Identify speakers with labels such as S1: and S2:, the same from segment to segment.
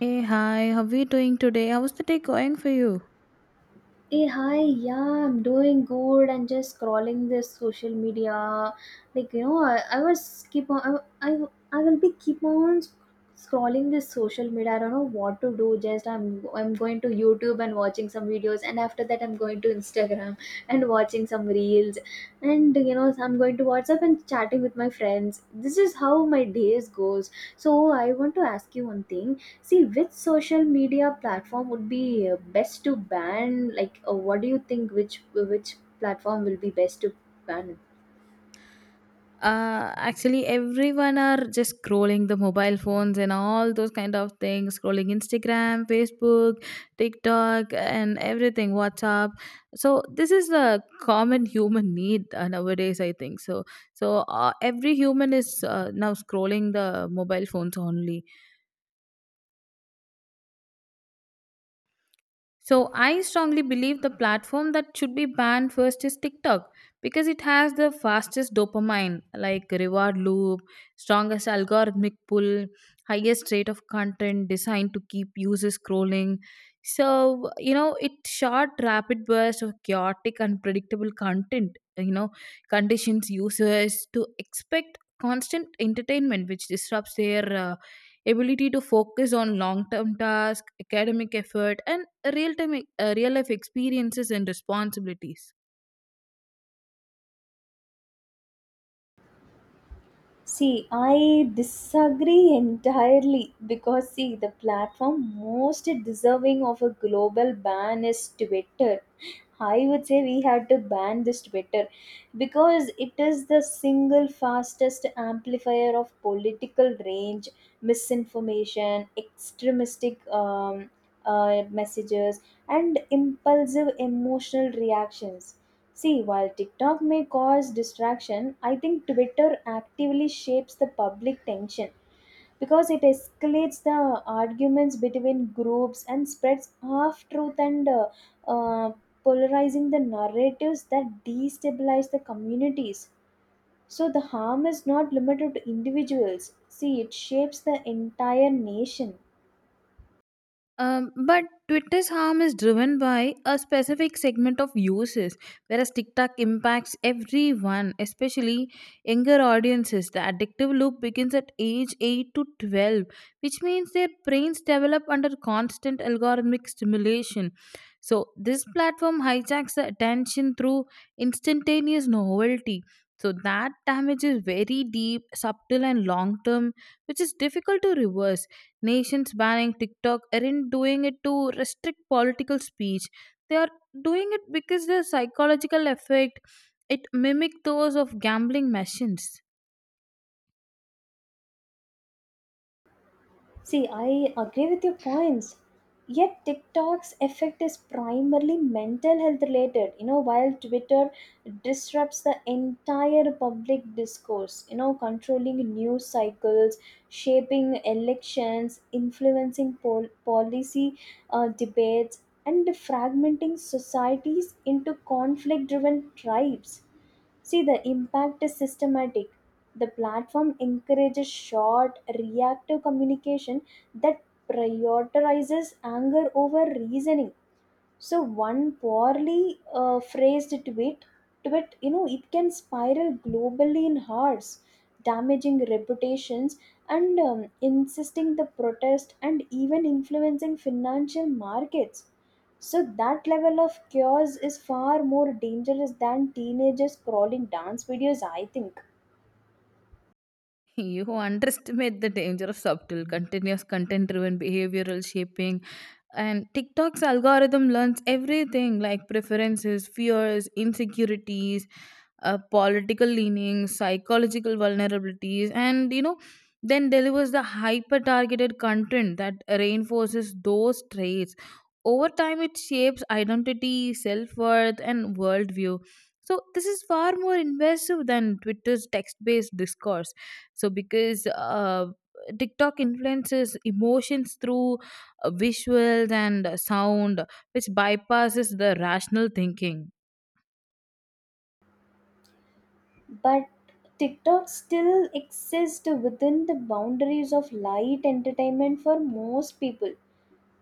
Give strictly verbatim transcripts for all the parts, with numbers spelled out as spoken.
S1: Hey, hi, how are we doing today? How's the day going for you?
S2: Hey, hi, yeah, I'm doing good and just scrolling this social media. Like, you know, I, I was keep on, I, I, I will be keep on sc- scrolling this social media. I don't know what to do. Just I'm, I'm going to YouTube and watching some videos, and after that, I'm going to Instagram and watching some reels, and you know, I'm going to WhatsApp and chatting with my friends. This is how my days goes. So I want to ask you one thing. See, which social media platform would be uh, best to ban? Like, uh, what do you think? Which which platform will be best to ban?
S1: Uh, actually, everyone are just scrolling the mobile phones and all those kind of things, scrolling Instagram, Facebook, TikTok, and everything, WhatsApp. So this is a common human need uh, nowadays, I think so. So uh, every human is uh, now scrolling the mobile phones only. So I strongly believe the platform that should be banned first is TikTok, because it has the fastest dopamine, like reward loop, strongest algorithmic pull, highest rate of content designed to keep users scrolling. So, you know, it short rapid burst of chaotic unpredictable content, you know, conditions users to expect constant entertainment, which disrupts their uh, ability to focus on long term tasks, academic effort, and real time real life experiences and responsibilities.
S2: See, I disagree entirely because, see, the platform most deserving of a global ban is Twitter. I would say we had to ban this Twitter because it is the single fastest amplifier of political range, misinformation, extremistic um, uh, messages, and impulsive emotional reactions. See, while TikTok may cause distraction, I think Twitter actively shapes the public tension because it escalates the arguments between groups and spreads half truth and uh, uh, polarizing the narratives that destabilize the communities. So the harm is not limited to individuals. See, it shapes the entire nation.
S1: Um, but Twitter's harm is driven by a specific segment of users, whereas TikTok impacts everyone, especially younger audiences. The addictive loop begins at age eight to twelve, which means their brains develop under constant algorithmic stimulation. So, this platform hijacks the attention through instantaneous novelty. So, that damage is very deep, subtle, and long term, which is difficult to reverse. Nations banning TikTok aren't doing it to restrict political speech. They are doing it because the psychological effect it mimic those of gambling machines.
S2: See, I agree with your points. Yet TikTok's effect is primarily mental health related. You know, while Twitter disrupts the entire public discourse, you know, controlling news cycles, shaping elections, influencing pol- policy uh, debates, and fragmenting societies into conflict driven tribes. See, the impact is systematic. The platform encourages short, reactive communication that prioritizes anger over reasoning. So one poorly uh, phrased tweet, tweet, you know, it can spiral globally in hours, damaging reputations and um, insisting the protest and even influencing financial markets. So that level of chaos is far more dangerous than teenagers crawling dance videos, I think.
S1: You underestimate the danger of subtle, continuous content driven behavioral shaping. And TikTok's algorithm learns everything like preferences, fears, insecurities, uh, political leanings, psychological vulnerabilities, and you know, then delivers the hyper targeted content that reinforces those traits. Over time, it shapes identity, self worth, and worldview. So, this is far more invasive than Twitter's text based discourse. So, because uh, TikTok influences emotions through uh, visuals and sound, which bypasses the rational thinking.
S2: But TikTok still exists within the boundaries of light entertainment for most people.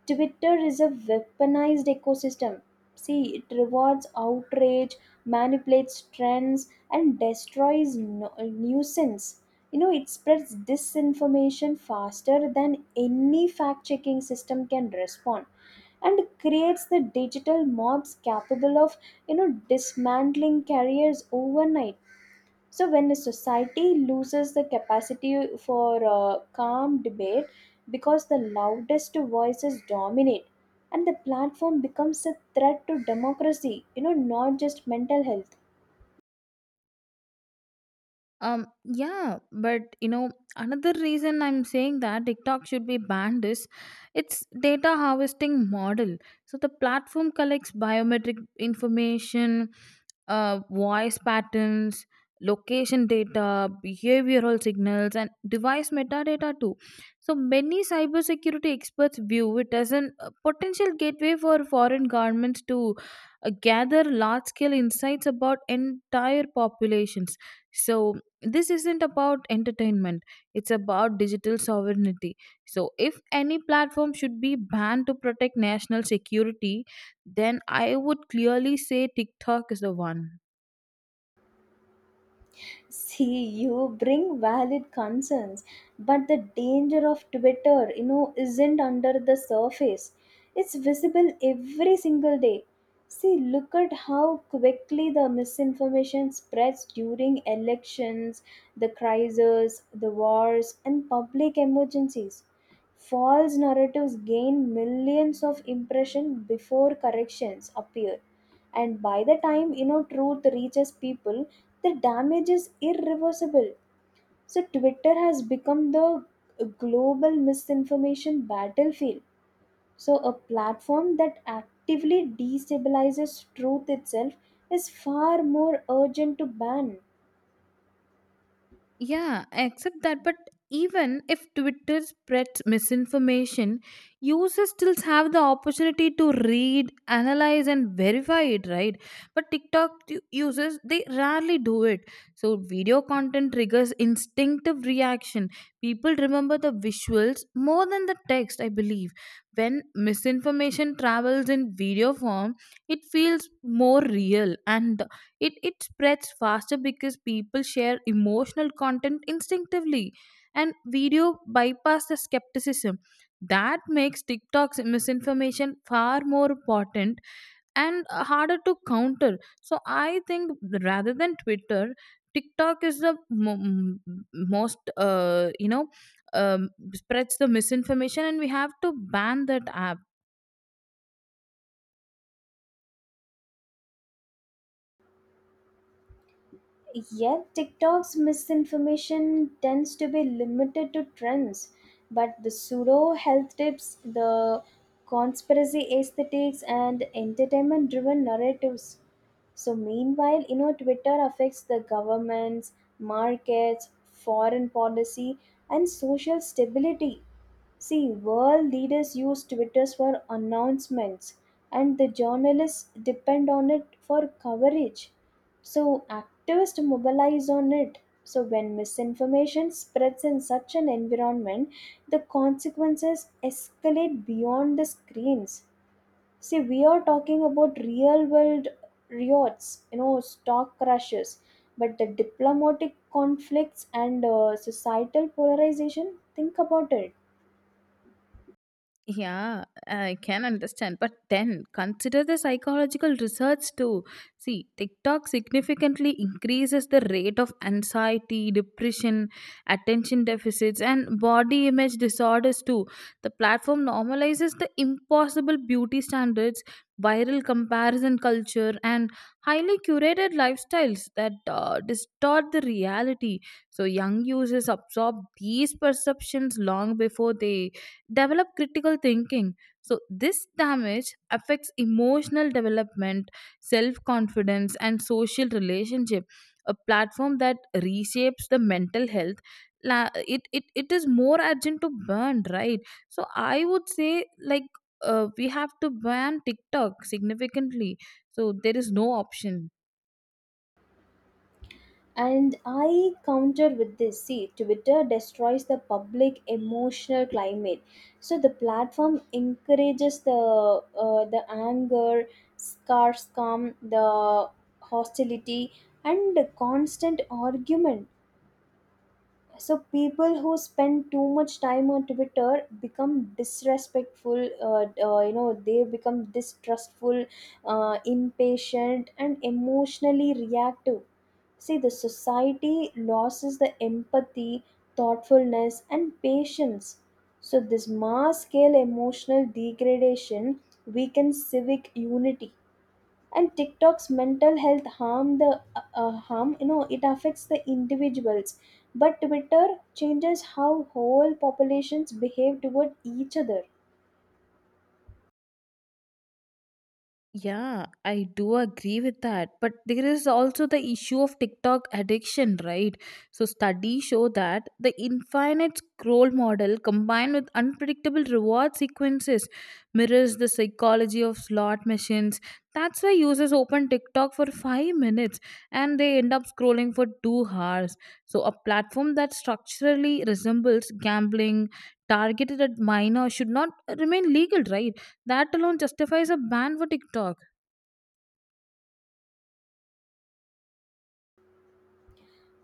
S2: Twitter is a weaponized ecosystem. See, it rewards outrage, manipulates trends, and destroys no- nuisance. You know, it spreads disinformation faster than any fact checking system can respond and creates the digital mobs capable of, you know, dismantling careers overnight. So when a society loses the capacity for uh, calm debate because the loudest voices dominate, and the platform becomes a threat to democracy, you know, not just mental health.
S1: Um, yeah, but you know, another reason I'm saying that TikTok should be banned is its data harvesting model. So the platform collects biometric information, uh, voice patterns, location data, behavioral signals, and device metadata too. So many cybersecurity experts view it as an a potential gateway for foreign governments to uh, gather large-scale insights about entire populations. So this isn't about entertainment. It's about digital sovereignty. So if any platform should be banned to protect national security, then I would clearly say TikTok is the one.
S2: See, you bring valid concerns, but the danger of Twitter, you know, isn't under the surface. It's visible every single day. See, look at how quickly the misinformation spreads during elections, the crises, the wars, and public emergencies. False narratives gain millions of impressions before corrections appear, and by the time, you know, truth reaches people, the damage is irreversible. So Twitter has become the global misinformation battlefield. So a platform that actively destabilizes truth itself is far more urgent to ban.
S1: Yeah, except that, but even if Twitter spreads misinformation, users still have the opportunity to read, analyze, and verify it, right? But TikTok u- users, they rarely do it. So, video content triggers instinctive reaction. People remember the visuals more than the text, I believe. When misinformation travels in video form, it feels more real, and it it spreads faster because people share emotional content instinctively, and video bypass the skepticism. That makes TikTok's misinformation far more important and harder to counter. So I think, rather than Twitter, TikTok is the mo- m- most uh, you know um, spreads the misinformation, and we have to ban that app.
S2: Yet, TikTok's misinformation tends to be limited to trends, but the pseudo health tips, the conspiracy aesthetics, and entertainment driven narratives. So, meanwhile, you know, Twitter affects the governments, markets, foreign policy, and social stability. See, world leaders use Twitter for announcements, and the journalists depend on it for coverage. So, activists mobilize on it. So, when misinformation spreads in such an environment, the consequences escalate beyond the screens. See, we are talking about real world riots, you know, stock crashes, but the diplomatic conflicts and uh, societal polarization, think about it.
S1: Yeah, I can understand. But then consider the psychological research too. See, TikTok significantly increases the rate of anxiety, depression, attention deficits, and body image disorders too. The platform normalizes the impossible beauty standards, viral comparison culture, and highly curated lifestyles that uh, distort the reality. So, young users absorb these perceptions long before they develop critical thinking. So this damage affects emotional development, self confidence, and social relationship. A platform that reshapes the mental health, la- it, it it is more urgent to burn, right? So I would say, like, uh, we have to ban TikTok significantly. So there is no option.
S2: And I counter with this, see, Twitter destroys the public emotional climate. So the platform encourages the uh, the anger, scarcum, the hostility, and the constant argument. So people who spend too much time on Twitter become disrespectful. Uh, uh, you know, they become distrustful, uh, impatient, and emotionally reactive. See, the society loses the empathy, thoughtfulness, and patience. So, this mass scale emotional degradation weakens civic unity. And TikTok's mental health harm the uh, uh, harm, you know, it affects the individuals, but Twitter changes how whole populations behave toward each other.
S1: Yeah, I do agree with that. But there is also the issue of TikTok addiction, right? So studies show that the infinite scroll model combined with unpredictable reward sequences mirrors the psychology of slot machines. That's why users open TikTok for five minutes and they end up scrolling for two hours. So a platform that structurally resembles gambling targeted at minor should not remain legal, right? That alone justifies a ban for TikTok.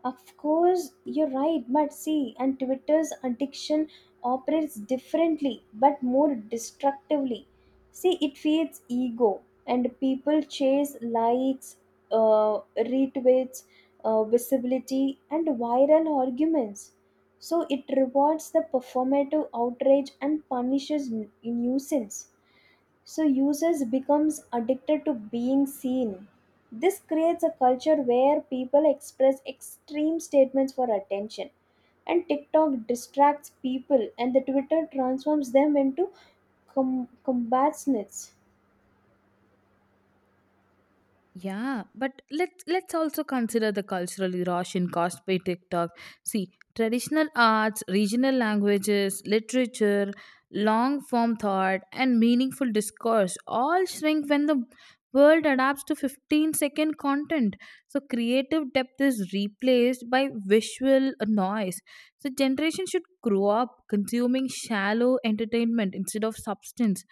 S2: Of course, you're right, but see, and Twitter's addiction operates differently but more destructively. See, it feeds ego, and people chase likes, uh, retweets, uh, visibility, and viral arguments. So, it rewards the performative outrage and punishes n- nuisance. So users becomes addicted to being seen. This creates a culture where people express extreme statements for attention, and TikTok distracts people and the Twitter transforms them into com- combationists.
S1: Yeah, but let's let's also consider the cultural rush caused by TikTok. See, traditional arts, regional languages, literature, long form thought, and meaningful discourse all shrink when the world adapts to fifteen second content. So creative depth is replaced by visual noise. So generation should grow up consuming shallow entertainment instead of substance.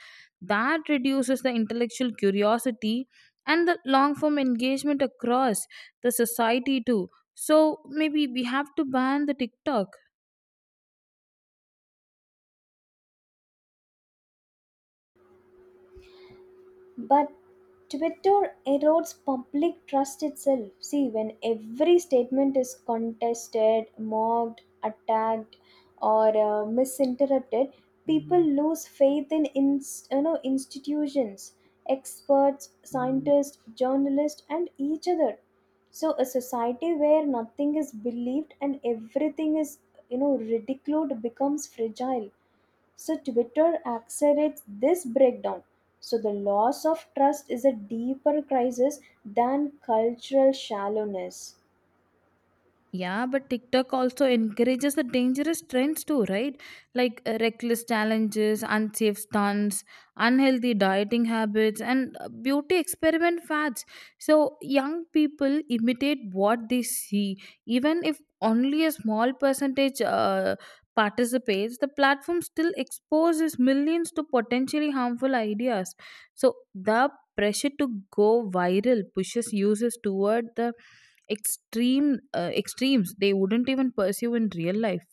S1: That reduces the intellectual curiosity and the long form engagement across the society too. So maybe we have to ban the TikTok.
S2: But Twitter erodes public trust itself. See, when every statement is contested, mocked, attacked, or uh, misinterpreted, people lose faith in inst- you know, institutions, experts, scientists, journalists, and each other. So, a society where nothing is believed and everything is, you know, ridiculed becomes fragile. So Twitter accelerates this breakdown. So the loss of trust is a deeper crisis than cultural shallowness.
S1: Yeah, but TikTok also encourages the dangerous trends too, right? Like, uh, reckless challenges, unsafe stunts, unhealthy dieting habits, and uh, beauty experiment fads. So young people imitate what they see. Even if only a small percentage uh, participates, the platform still exposes millions to potentially harmful ideas. So the pressure to go viral pushes users toward the extreme uh, extremes they wouldn't even pursue in real life.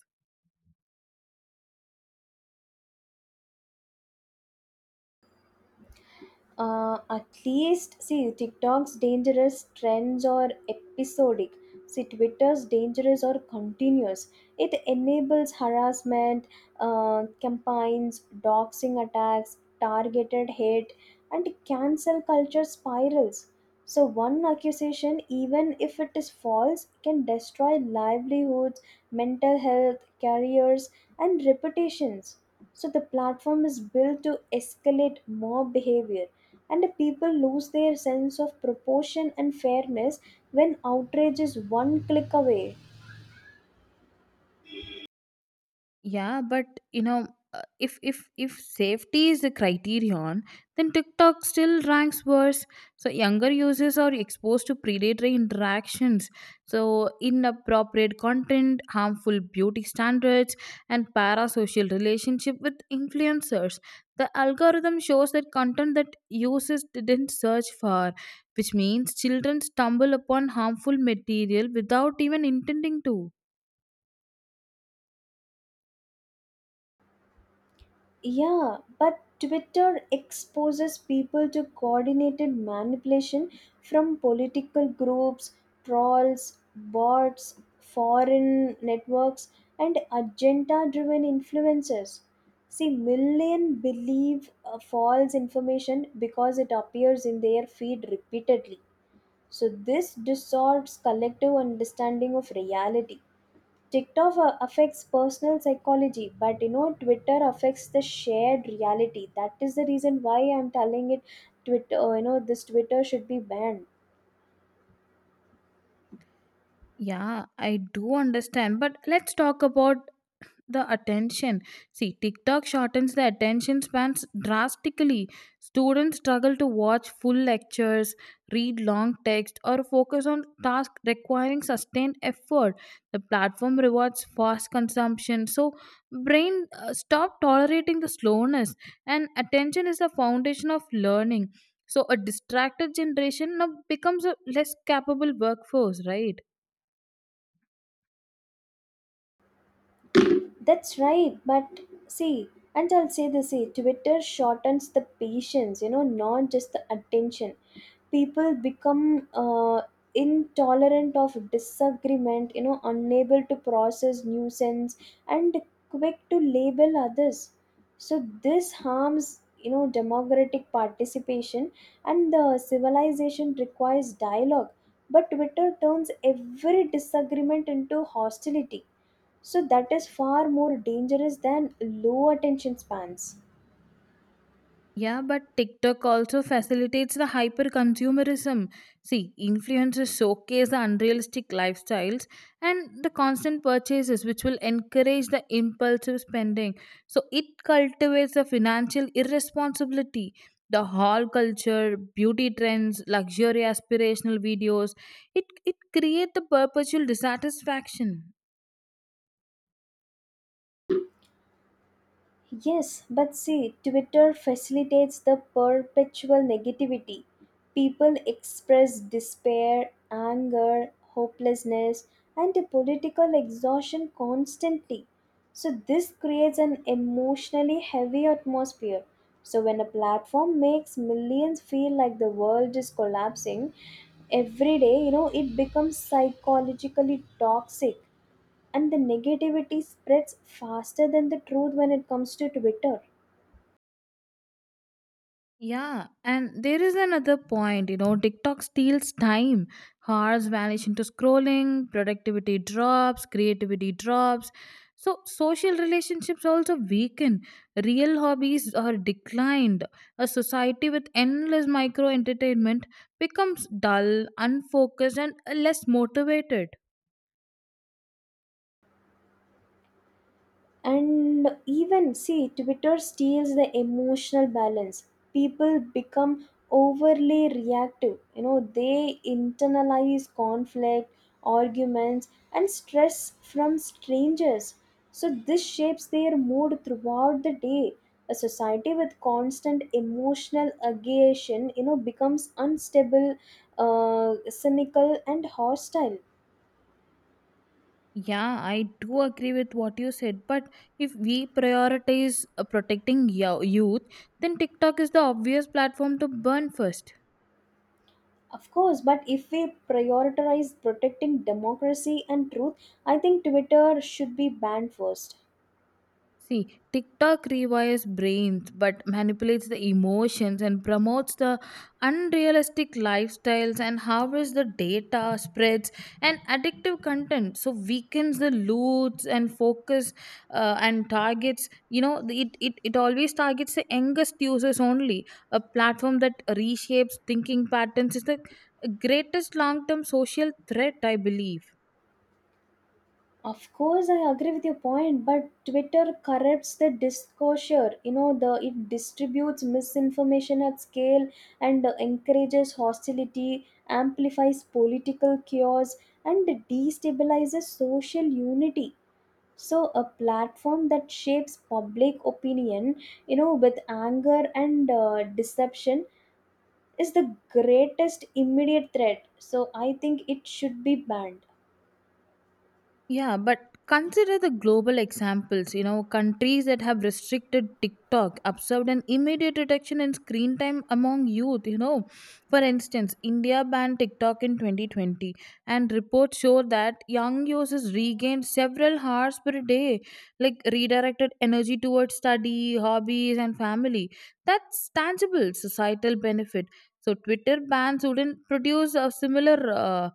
S2: Uh, at least, see, TikTok's dangerous trends are episodic. See, Twitter's dangerous or continuous. It enables harassment uh, campaigns, doxing attacks, targeted hate, and cancel culture spirals. So one accusation, even if it is false, can destroy livelihoods, mental health, careers, and reputations. So the platform is built to escalate mob behavior, and the people lose their sense of proportion and fairness when outrage is one click away.
S1: Yeah, but you know, uh, if if if safety is the criterion, then TikTok still ranks worse. So younger users are exposed to predatory interactions, so inappropriate content, harmful beauty standards, and parasocial relationship with influencers. The algorithm shows that content that users didn't search for, which means children stumble upon harmful material without even intending to.
S2: Yeah, but Twitter exposes people to coordinated manipulation from political groups, trolls, bots, foreign networks, and agenda driven influencers. See, millions believe uh, false information because it appears in their feed repeatedly. So, this distorts collective understanding of reality. TikTok a- affects personal psychology, but, you know, Twitter affects the shared reality. That is the reason why I'm telling it, Twitter, uh, you know, this Twitter should be banned.
S1: Yeah, I do understand, but let's talk about the attention. See, TikTok shortens the attention spans drastically. Students struggle to watch full lectures, read long text, or focus on tasks requiring sustained effort. The platform rewards fast consumption, so brain uh, stop tolerating the slowness, and attention is the foundation of learning. So a distracted generation now becomes a less capable workforce, right?
S2: That's right, but, see, and I'll say this, see, Twitter shortens the patience, you know, not just the attention. People become uh, intolerant of disagreement, you know, unable to process nuisance and quick to label others. So this harms, you know, democratic participation, and the civilization requires dialogue. But Twitter turns every disagreement into hostility, so that is far more dangerous than low attention spans.
S1: Yeah, but TikTok also facilitates the hyper consumerism. See, influencers showcase the unrealistic lifestyles and the constant purchases, which will encourage the impulsive spending. So, it cultivates the financial irresponsibility. The haul culture, beauty trends, luxury aspirational videos, it, it creates the perpetual dissatisfaction.
S2: Yes, but, see, Twitter facilitates the perpetual negativity. People express despair, anger, hopelessness, and a political exhaustion constantly. So, this creates an emotionally heavy atmosphere. So, when a platform makes millions feel like the world is collapsing every day, you know, it becomes psychologically toxic, and the negativity spreads faster than the truth when it comes to Twitter.
S1: Yeah, and there is another point, you know, TikTok steals time. Hours vanish into scrolling, productivity drops, creativity drops. So social relationships also weaken. Real hobbies are declined. A society with endless micro entertainment becomes dull, unfocused, and less motivated.
S2: And even, see, Twitter steals the emotional balance. People become overly reactive, you know, they internalize conflict, arguments, and stress from strangers. So this shapes their mood throughout the day. A society with constant emotional agitation, you know, becomes unstable, uh, cynical, and hostile.
S1: Yeah, I do agree with what you said, but if we prioritize uh, protecting yo- youth, then TikTok is the obvious platform to burn first.
S2: Of course, but if we prioritize protecting democracy and truth, I think Twitter should be banned first.
S1: See, TikTok rewires brains but manipulates the emotions and promotes the unrealistic lifestyles and harvests the data, spreads, and addictive content. So weakens the loots and focus uh, and targets. You know, the- it, it, it always targets the youngest users only. A platform that reshapes thinking patterns is the greatest long term social threat, I believe.
S2: Of course, I agree with your point, but Twitter corrupts the discourse. You know, the it distributes misinformation at scale and encourages hostility, amplifies political chaos, and destabilizes social unity. So, a platform that shapes public opinion, you know, with anger and uh, deception is the greatest immediate threat. So I think it should be banned.
S1: Yeah, but consider the global examples. You know, countries that have restricted TikTok observed an immediate reduction in screen time among youth. You know, for instance, India banned TikTok in twenty twenty, and reports show that young users regained several hours per day, like redirected energy towards study, hobbies, and family. That's tangible societal benefit. So, Twitter bans wouldn't produce a similar, Uh,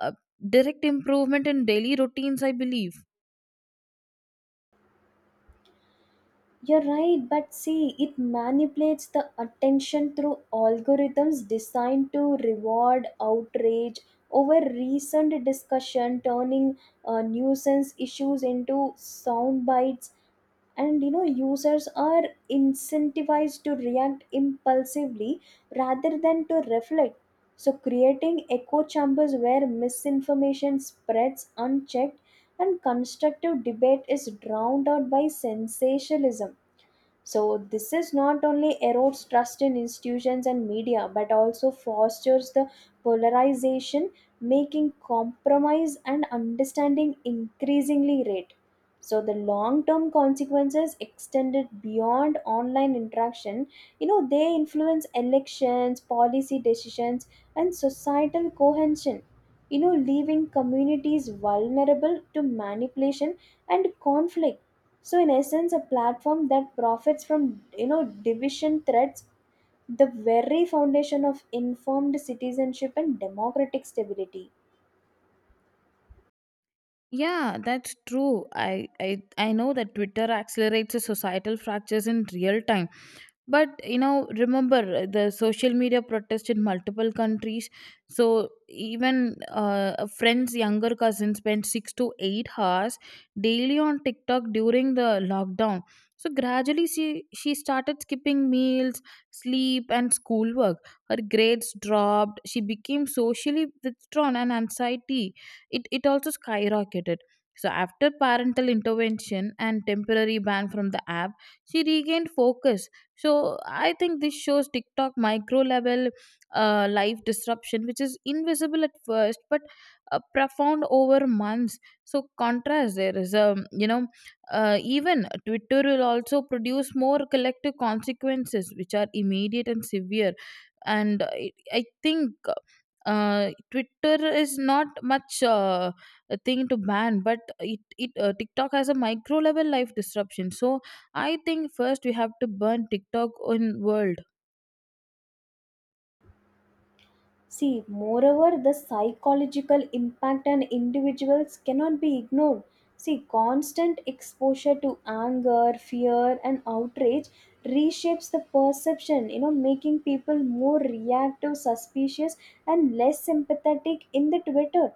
S1: uh, direct improvement in daily routines, I believe.
S2: You're right, but, see, it manipulates the attention through algorithms designed to reward outrage over recent discussion, turning uh, nuisance issues into sound bites, and, you know, users are incentivized to react impulsively rather than to reflect, so creating echo chambers where misinformation spreads unchecked and constructive debate is drowned out by sensationalism. So, this is not only erodes trust in institutions and media, but also fosters the polarization, making compromise and understanding increasingly rare. So, the long term consequences extended beyond online interaction, you know, they influence elections, policy decisions, and societal cohesion, you know, leaving communities vulnerable to manipulation and conflict. So in essence, a platform that profits from, you know, division threats the very foundation of informed citizenship and democratic stability.
S1: Yeah, that's true. I i, I know that Twitter accelerates the societal fractures in real time. But you know, remember uh, the social media protest in multiple countries. So even uh, a friend's younger cousin spent six to eight hours daily on TikTok during the lockdown. So gradually, she she started skipping meals, sleep, and schoolwork. Her grades dropped. She became socially withdrawn, and anxiety it it also skyrocketed. So after parental intervention and temporary ban from the app, she regained focus. So I think this shows TikTok micro level uh, life disruption, which is invisible at first but uh, profound over months. So contrast there is a, you know uh, even Twitter will also produce more collective consequences, which are immediate and severe. And uh, i I think uh, Twitter is not much uh, a thing to ban, but it, it uh, TikTok has a micro level life disruption. So I think first we have to burn TikTok in world.
S2: See, moreover, the psychological impact on individuals cannot be ignored. See, constant exposure to anger, fear, and outrage reshapes the perception, you know, making people more reactive, suspicious, and less sympathetic in the Twitter.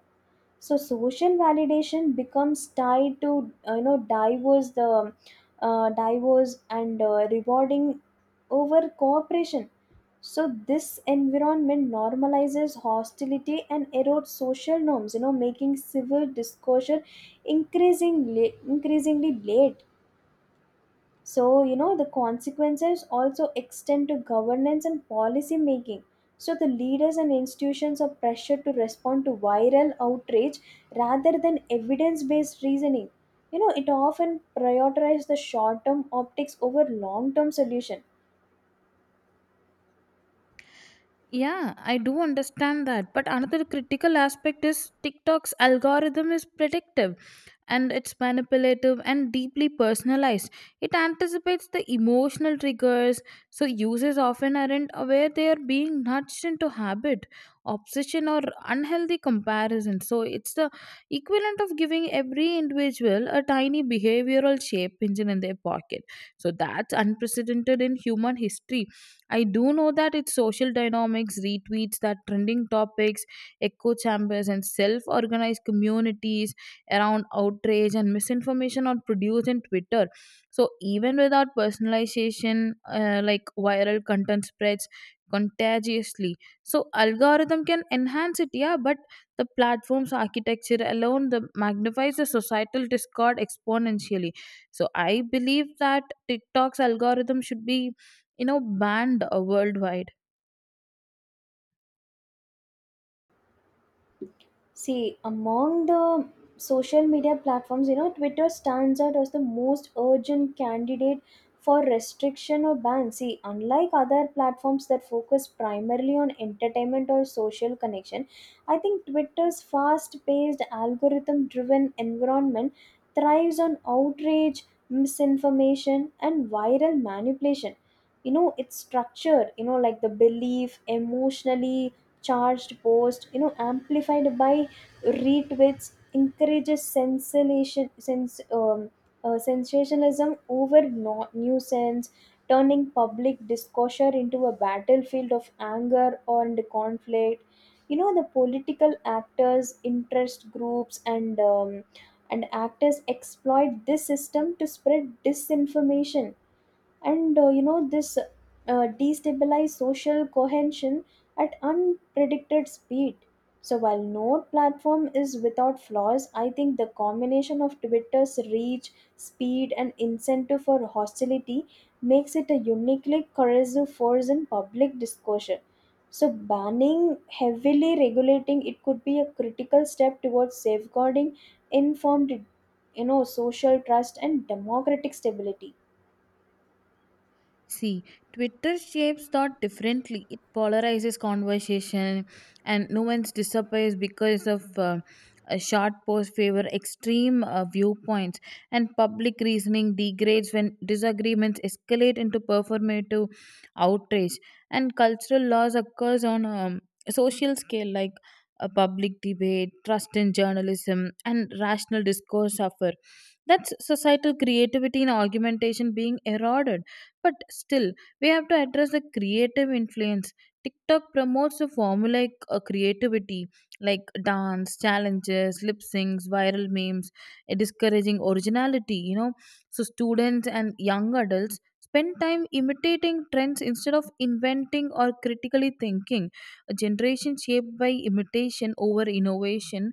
S2: So social validation becomes tied to, uh, you know diverse the uh, diverse and uh, rewarding over cooperation. So this environment normalizes hostility and erodes social norms, you know, making civil discussion increasingly increasingly late. So, you know, the consequences also extend to governance and policy making. So, the leaders and institutions are pressured to respond to viral outrage rather than evidence based reasoning. You know, it often prioritizes the short term optics over long term solution.
S1: Yeah, I do understand that. But another critical aspect is TikTok's algorithm is predictive, and it's manipulative and deeply personalized. It anticipates the emotional triggers, so users often aren't aware they are being nudged into habit, obsession, or unhealthy comparison. So it's the equivalent of giving every individual a tiny behavioral shape engine in their pocket. So that's unprecedented in human history. I do know that its social dynamics, retweets, that trending topics, echo chambers, and self organized communities around outrage and misinformation are produced in Twitter. So, even without personalization, uh, like viral content spreads contagiously. So, algorithm can enhance it, yeah, but the platform's architecture alone the magnifies the societal discord exponentially. So, I believe that TikTok's algorithm should be you know banned uh, worldwide.
S2: See, among the social media platforms, you know, Twitter stands out as the most urgent candidate for restriction or ban. See, unlike other platforms that focus primarily on entertainment or social connection, I think Twitter's fast paced, algorithm driven environment thrives on outrage, misinformation, and viral manipulation. You know, it's structured, you know, like the belief, emotionally charged post, you know, amplified by retweets encourages sensation, sens, um, uh, sensationalism over no- nuisance, turning public discourse into a battlefield of anger and conflict. You know, the political actors, interest groups, and um, and actors exploit this system to spread disinformation and uh, you know, this uh, destabilize social cohesion at unpredicted speed. So while no platform is without flaws, I think the combination of Twitter's reach, speed, and incentive for hostility makes it a uniquely corrosive force in public discussion. So banning, heavily regulating it could be a critical step towards safeguarding informed, you know, social trust and democratic stability.
S1: See, Twitter shapes thought differently. It polarizes conversation, and nuance disappears because of uh, a short post favor extreme uh, viewpoints, and public reasoning degrades when disagreements escalate into performative outrage. And cultural loss occurs on um, a social scale, like a public debate, trust in journalism, and rational discourse suffer. That's societal creativity and argumentation being eroded. But still, we have to address the creative influence. TikTok promotes a formulaic uh, creativity like dance, challenges, lip syncs, viral memes, uh, discouraging originality, you know. So, students and young adults spend time imitating trends instead of inventing or critically thinking. A generation shaped by imitation over innovation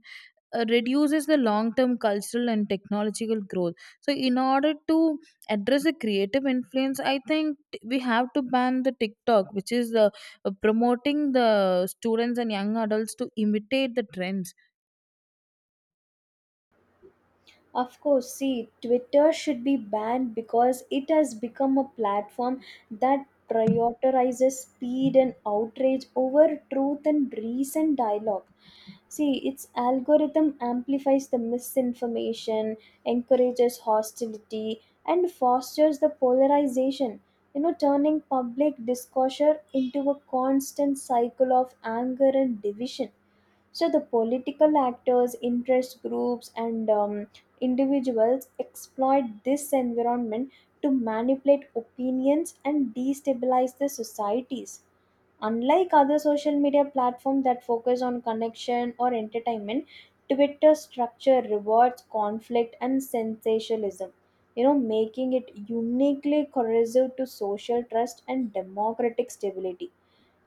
S1: uh, reduces the long term cultural and technological growth. So, in order to address the creative influence, I think t- we have to ban the TikTok, which is uh, uh, promoting the students and young adults to imitate the trends.
S2: Of course, see, Twitter should be banned because it has become a platform that prioritizes speed and outrage over truth and recent dialogue. See, its algorithm amplifies the misinformation, encourages hostility, and fosters the polarization, you know, turning public discourse into a constant cycle of anger and division. So the political actors, interest groups and um, individuals exploit this environment to manipulate opinions and destabilize the societies. Unlike other social media platforms that focus on connection or entertainment, Twitter's structure rewards conflict and sensationalism, you know, making it uniquely corrosive to social trust and democratic stability.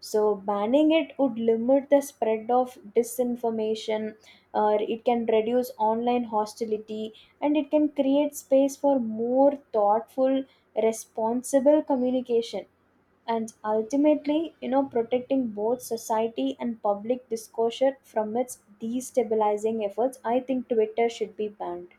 S2: So, banning it would limit the spread of disinformation, or it can reduce online hostility, and it can create space for more thoughtful, responsible communication. And ultimately, you know, protecting both society and public discourse from its destabilizing efforts, I think Twitter should be banned.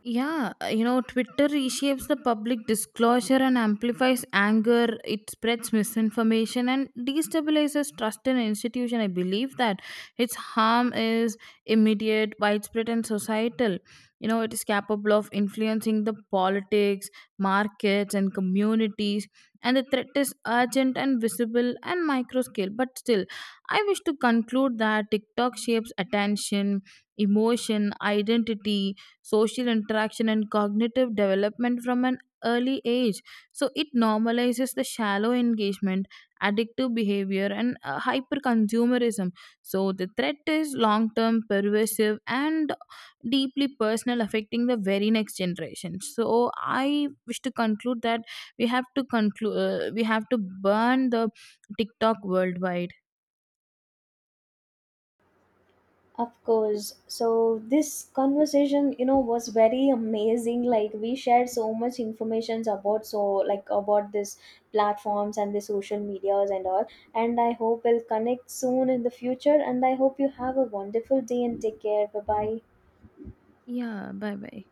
S1: Yeah, uh, you know, Twitter reshapes the public disclosure and amplifies anger. It spreads misinformation and destabilizes trust in an institution. I believe that its harm is immediate, widespread, and societal. You know, it is capable of influencing the politics, markets, and communities. And the threat is urgent and visible and micro scale. But still, I wish to conclude that TikTok shapes attention, emotion, identity, social interaction, and cognitive development from an early age. So it normalizes the shallow engagement, addictive behavior, and uh, hyper consumerism. So the threat is long term, pervasive, and deeply personal, affecting the very next generation. So I wish to conclude that we have to conclude, uh, we have to burn the TikTok worldwide.
S2: Of course. So this conversation, you know, was very amazing. Like we shared so much information about so, like, about this platforms and the social medias and all. And I hope we'll connect soon in the future. And I hope you have a wonderful day and take care. Bye bye.
S1: Yeah, bye bye.